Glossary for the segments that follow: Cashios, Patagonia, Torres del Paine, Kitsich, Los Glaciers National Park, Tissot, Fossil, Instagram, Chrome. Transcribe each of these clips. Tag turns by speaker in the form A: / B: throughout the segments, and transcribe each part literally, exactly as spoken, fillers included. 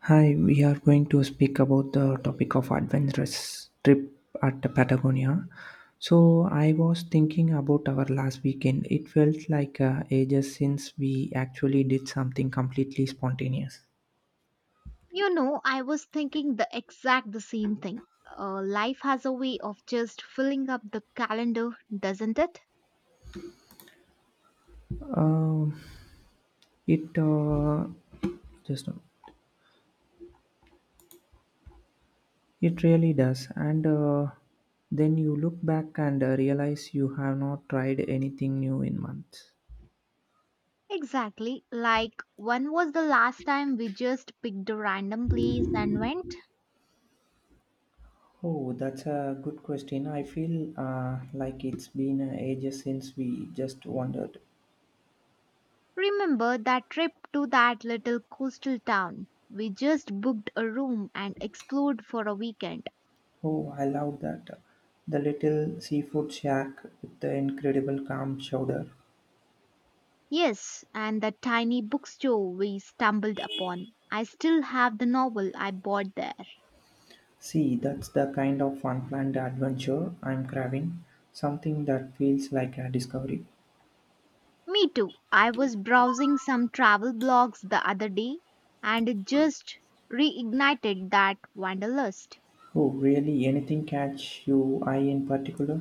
A: Hi, we are going to speak about the topic of adventurous trip at Patagonia. So, I was thinking about our last weekend. It felt like uh, ages since we actually did something completely spontaneous.
B: You know, I was thinking the exact the same thing. Uh, life has a way of just filling up the calendar, doesn't it?
A: Um, it uh, just it really does, and uh, then you look back and uh, realize you have not tried anything new in months.
B: Exactly. Like, when was the last time we just picked a random place and went?
A: Oh, that's a good question. I feel uh, like it's been ages since we just wandered.
B: Remember that trip to that little coastal town? We just booked a room and explored for a weekend.
A: Oh, I love that. The little seafood shack with the incredible calm chowder.
B: Yes, and that tiny bookstore we stumbled upon. I still have the novel I bought there.
A: See, that's the kind of unplanned adventure I'm craving. Something that feels like a discovery.
B: Me too. I was browsing some travel blogs the other day and it just reignited that wanderlust.
A: Oh, really? Anything catch you eye in particular?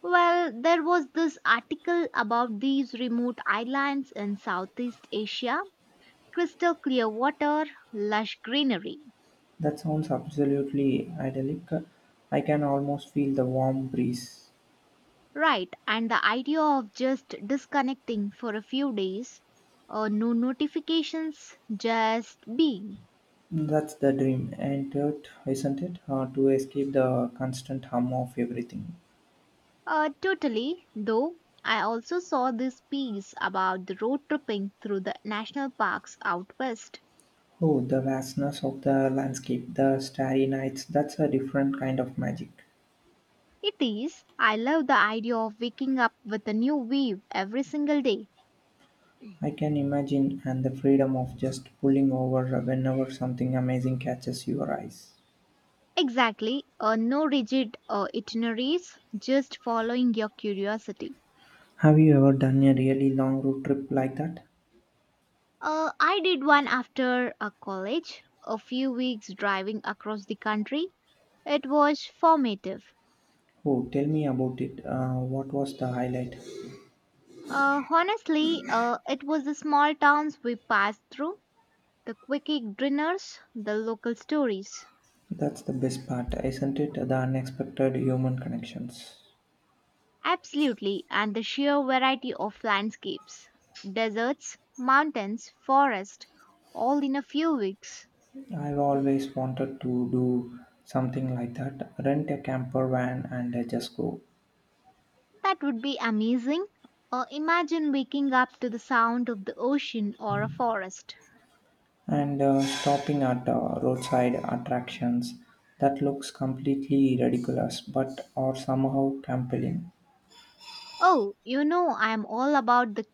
B: Well, there was this article about these remote islands in Southeast Asia, crystal clear water, lush greenery.
A: That sounds absolutely idyllic. I can almost feel the warm breeze.
B: Right, and the idea of just disconnecting for a few days, uh, no notifications, just being.
A: That's the dream, ain't it? Isn't it? Uh, to escape the constant hum of everything.
B: Uh, totally, though I also saw this piece about the road tripping through the national parks out west.
A: Oh, the vastness of the landscape, the starry nights, that's a different kind of magic.
B: It is. I love the idea of waking up with a new view every single day.
A: I can imagine, and the freedom of just pulling over whenever something amazing catches your eyes.
B: Exactly, uh, no rigid uh, itineraries, just following your curiosity.
A: Have you ever done a really long road trip like that?
B: Uh, I did one after a college, a few weeks driving across the country. It was formative.
A: Oh, tell me about it. Uh, what was the highlight?
B: Uh, honestly, uh, it was the small towns we passed through, the quickie dinners, the local stories.
A: That's the best part, isn't it? The unexpected human connections.
B: Absolutely, and the sheer variety of landscapes, deserts, mountains, forest, all in a few weeks.
A: I've always wanted to do something like that rent a camper van and uh, just go.
B: That would be amazing. Or imagine waking up to the sound of the ocean or a forest.
A: And uh, stopping at uh, roadside attractions that looks completely ridiculous but are somehow compelling.
B: Oh, you know, I am all about the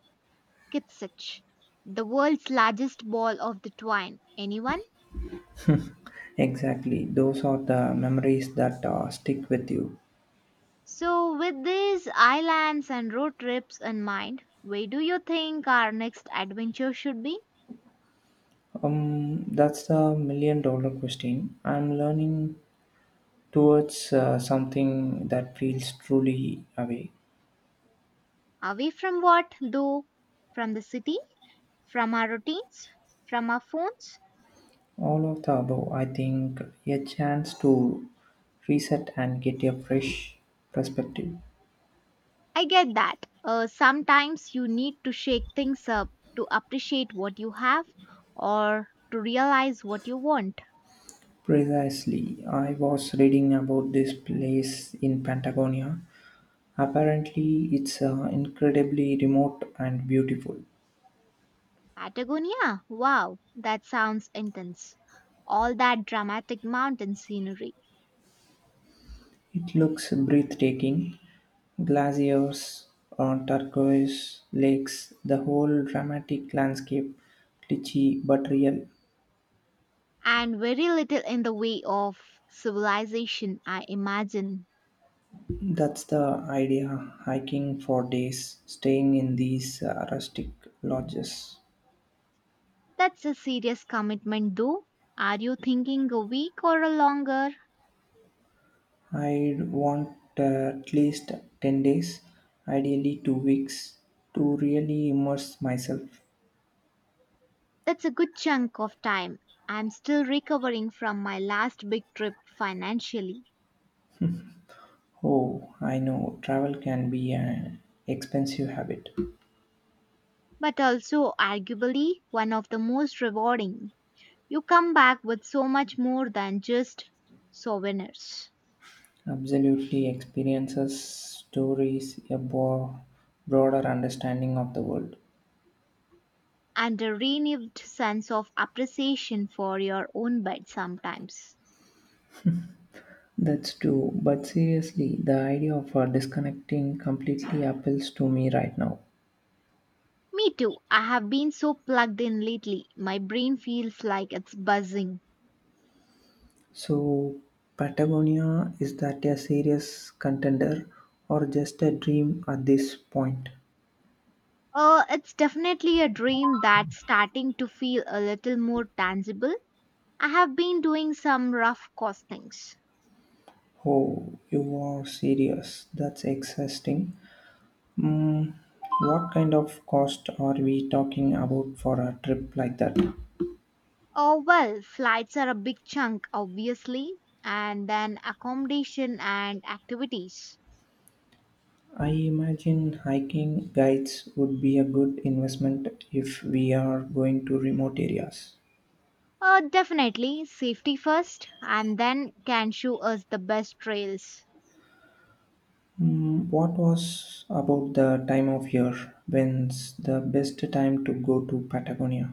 B: Kitsich, the world's largest ball of the twine. Anyone?
A: Exactly, those are the memories that uh, stick with you.
B: So, with these islands and road trips in mind, where do you think our next adventure should be?
A: Um, that's the million dollar question. I'm learning towards uh, something that feels truly away.
B: Away from what, though? From the city? From our routines? From our phones?
A: All of the above, I think, a chance to reset and get a fresh perspective.
B: I get that. Uh, sometimes you need to shake things up to appreciate what you have or to realize what you want.
A: Precisely, I was reading about this place in Patagonia. Apparently, it's uh, incredibly remote and beautiful.
B: Patagonia? Wow, that sounds intense. All that dramatic mountain scenery.
A: It looks breathtaking. Glaciers, uh, turquoise lakes, the whole dramatic landscape, glitchy but real.
B: And very little in the way of civilization, I imagine.
A: That's the idea hiking for days, staying in these uh, rustic lodges.
B: That's a serious commitment, though. Are you thinking a week or a longer?
A: I'd want uh, at least ten days, ideally two weeks, to really immerse myself.
B: That's a good chunk of time. I'm still recovering from my last big trip financially,
A: Oh, I know, travel can be an expensive habit.
B: but also arguably one of the most rewarding. You come back with so much more than just souvenirs,
A: Absolutely, experiences, stories, a bo- broader understanding of the world.
B: and a renewed sense of appreciation for your own bed sometimes.
A: That's true, but seriously, the idea of uh, disconnecting completely appeals to me right now.
B: Me too. I have been so plugged in lately. My brain feels like it's buzzing.
A: So, Patagonia, is that a serious contender or just a dream at this point?
B: Uh, it's definitely a dream that's starting to feel a little more tangible. I have been doing some rough costings.
A: Oh, you are serious. That's exhausting. Mm, what kind of cost are we talking about for a trip like that?
B: Oh, well, flights are a big chunk, obviously, and then accommodation and activities.
A: I imagine hiking guides would be a good investment if we are going to remote areas.
B: Uh, definitely safety first, and then can show us the best trails.
A: Mm, what was about the time of year when's the best time to go to Patagonia?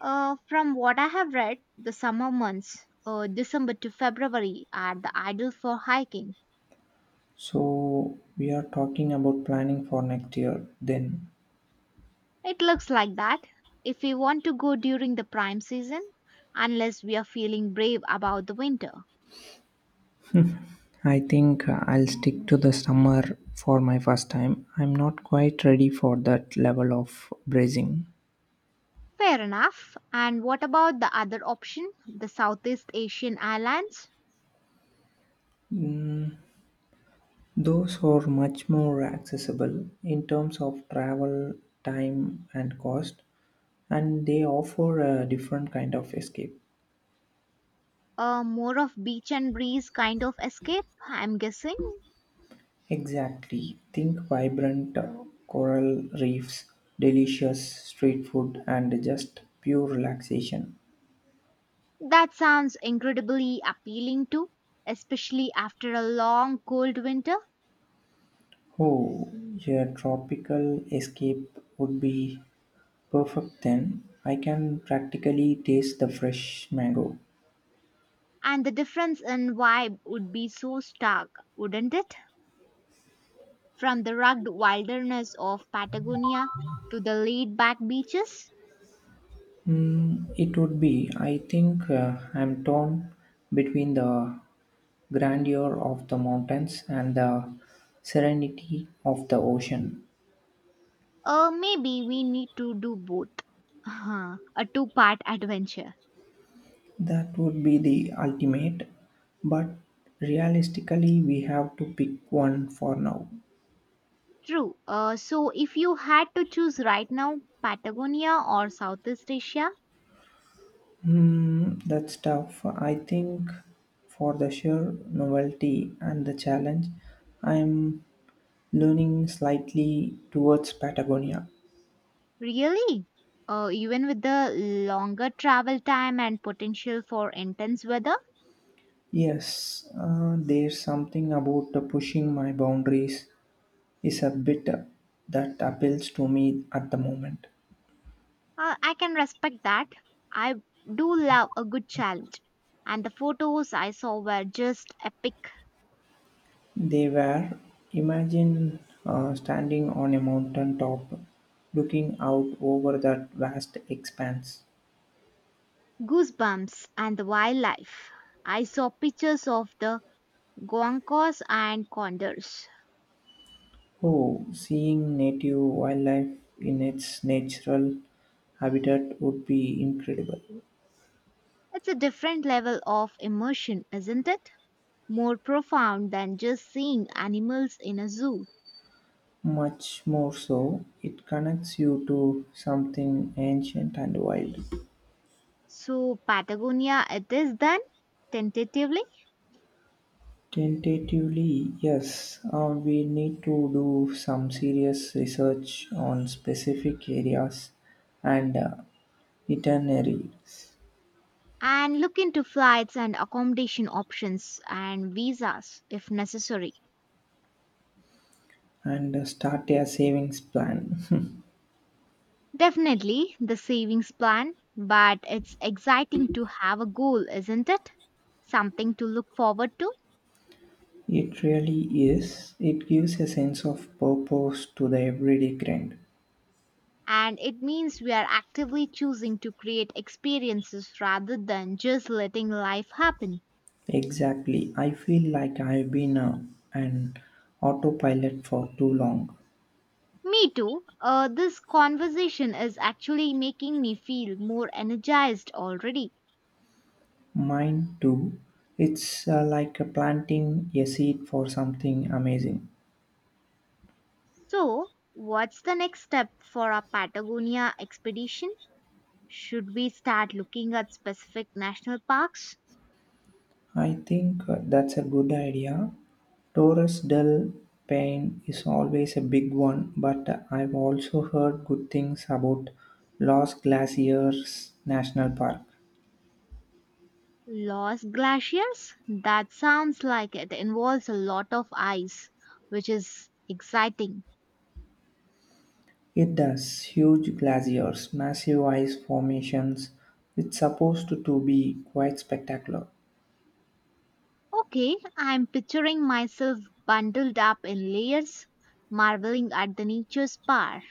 B: Uh, from what I have read, the summer months, uh, December to February, are the ideal for hiking.
A: So we are talking about planning for next year then.
B: It looks like that. If we want to go during the prime season, unless we are feeling brave about the winter.
A: I think I'll stick to the summer for my first time. I'm not quite ready for that level of bracing.
B: Fair enough. And what about the other option, the Southeast Asian islands?
A: Those are much more accessible in terms of travel, time, and cost, and they offer a different kind of escape.
B: Uh, more of beach and breeze kind of escape, I'm guessing.
A: Exactly. Think vibrant uh, coral reefs, delicious street food, and just pure relaxation.
B: That sounds incredibly appealing too, especially after a long cold winter.
A: Oh, your tropical escape would be perfect then. I can practically taste the fresh mango.
B: And the difference in vibe would be so stark, wouldn't it? From the rugged wilderness of Patagonia to the laid back beaches?
A: Mm, it would be. I think uh, I'm torn between the grandeur of the mountains and the serenity of the ocean.
B: Uh, maybe we need to do both. Huh, a two part adventure.
A: That would be the ultimate, but realistically, we have to pick one for now.
B: True. Uh, so, if you had to choose right now, Patagonia or Southeast Asia,
A: Hmm, that's tough. I think for the sheer novelty and the challenge, I'm leaning slightly towards Patagonia.
B: really? Uh, even with the longer travel time and potential for intense weather?
A: Yes, uh, there's something about the pushing my boundaries is a bit that appeals to me at the moment.
B: Uh, I can respect that. I do love a good challenge. And the photos I saw were just epic.
A: They were, imagine uh, standing on a mountain top, looking out over that vast expanse.
B: Goosebumps and the wildlife. I saw pictures of the guancos and condors.
A: Oh, seeing native wildlife in its natural habitat would be incredible.
B: It's a different level of immersion, isn't it? More profound than just seeing animals in a zoo.
A: Much more so, it connects you to something ancient and wild.
B: So, Patagonia it is then, tentatively,
A: Tentatively, yes. Uh, we need to do some serious research on specific areas and uh, itineraries
B: and look into flights and accommodation options and visas if necessary.
A: and uh, start a savings plan.
B: Definitely the savings plan, but it's exciting to have a goal, isn't it? Something to look forward to,
A: it really is. It gives a sense of purpose to the everyday grind.
B: and it means we are actively choosing to create experiences rather than just letting life happen.
A: Exactly. I feel like I've been uh, an autopilot for too long.
B: Me too. Uh, this conversation is actually making me feel more energized already.
A: Mine too. It's uh, like planting a seed for something amazing.
B: So, what's the next step for our Patagonia expedition? Should we start looking at specific national parks?
A: I think uh, that's a good idea. Torres del Paine is always a big one, but uh, I've also heard good things about Los Glaciers National Park.
B: Lost glaciers? That sounds like it involves a lot of ice, which is exciting.
A: It does huge glaciers, massive ice formations. It's supposed to, to be quite spectacular
B: Okay, I'm picturing myself bundled up in layers, marveling at the nature's power.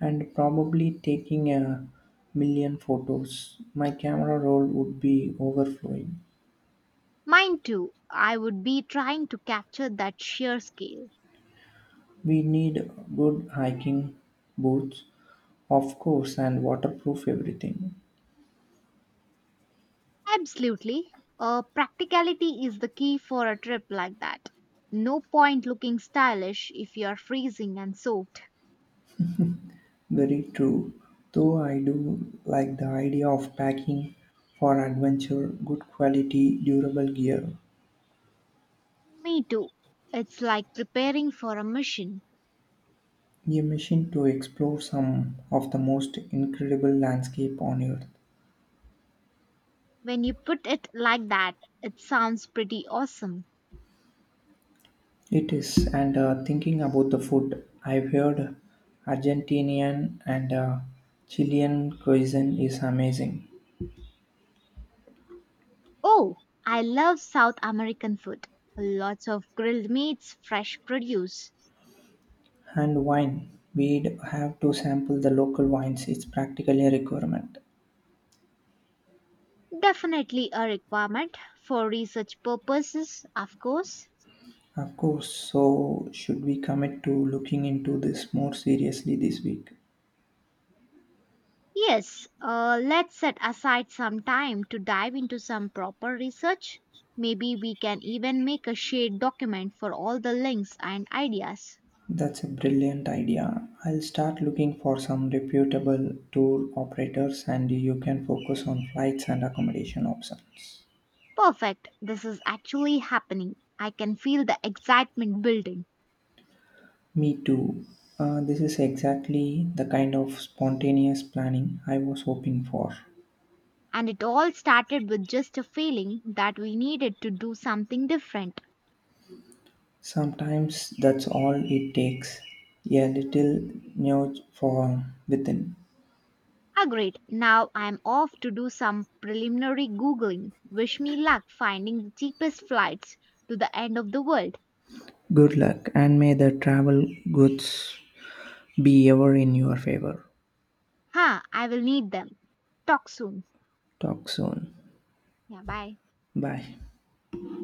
A: and probably taking a million photos. My camera roll would be overflowing.
B: Mine too, I would be trying to capture that sheer scale.
A: We need good hiking boots, of course, and waterproof everything.
B: Absolutely. Uh, practicality is the key for a trip like that. No point looking stylish if you're freezing and soaked.
A: Very true. Though I do like the idea of packing for adventure, good quality, durable gear,
B: Me too. It's like preparing for a mission.
A: a mission to explore some of the most incredible landscape on earth.
B: When you put it like that, it sounds pretty awesome.
A: It is, and uh, thinking about the food, I've heard Argentinian and uh, Chilean cuisine is amazing.
B: Oh, I love South American food. Lots of grilled meats, fresh produce.
A: And wine. We'd have to sample the local wines. It's practically a requirement.
B: Definitely a requirement for research purposes, of course.
A: Of course, so should we commit to looking into this more seriously this week?
B: Yes, uh, let's set aside some time to dive into some proper research. Maybe we can even make a shared document for all the links and ideas.
A: That's a brilliant idea. I'll start looking for some reputable tour operators and you can focus on flights and accommodation options.
B: Perfect, this is actually happening. I can feel the excitement building.
A: Me too. Uh, this is exactly the kind of spontaneous planning I was hoping for.
B: And it all started with just a feeling that we needed to do something different.
A: Sometimes that's all it takes a little nudge from within.
B: Agreed. Now I'm off to do some preliminary Googling. Wish me luck finding the cheapest flights to the end of the world.
A: Good luck, and may the travel goods be ever in your favor.
B: Huh, I will need them. Talk soon.
A: Talk soon.
B: Yeah, bye.
A: Bye.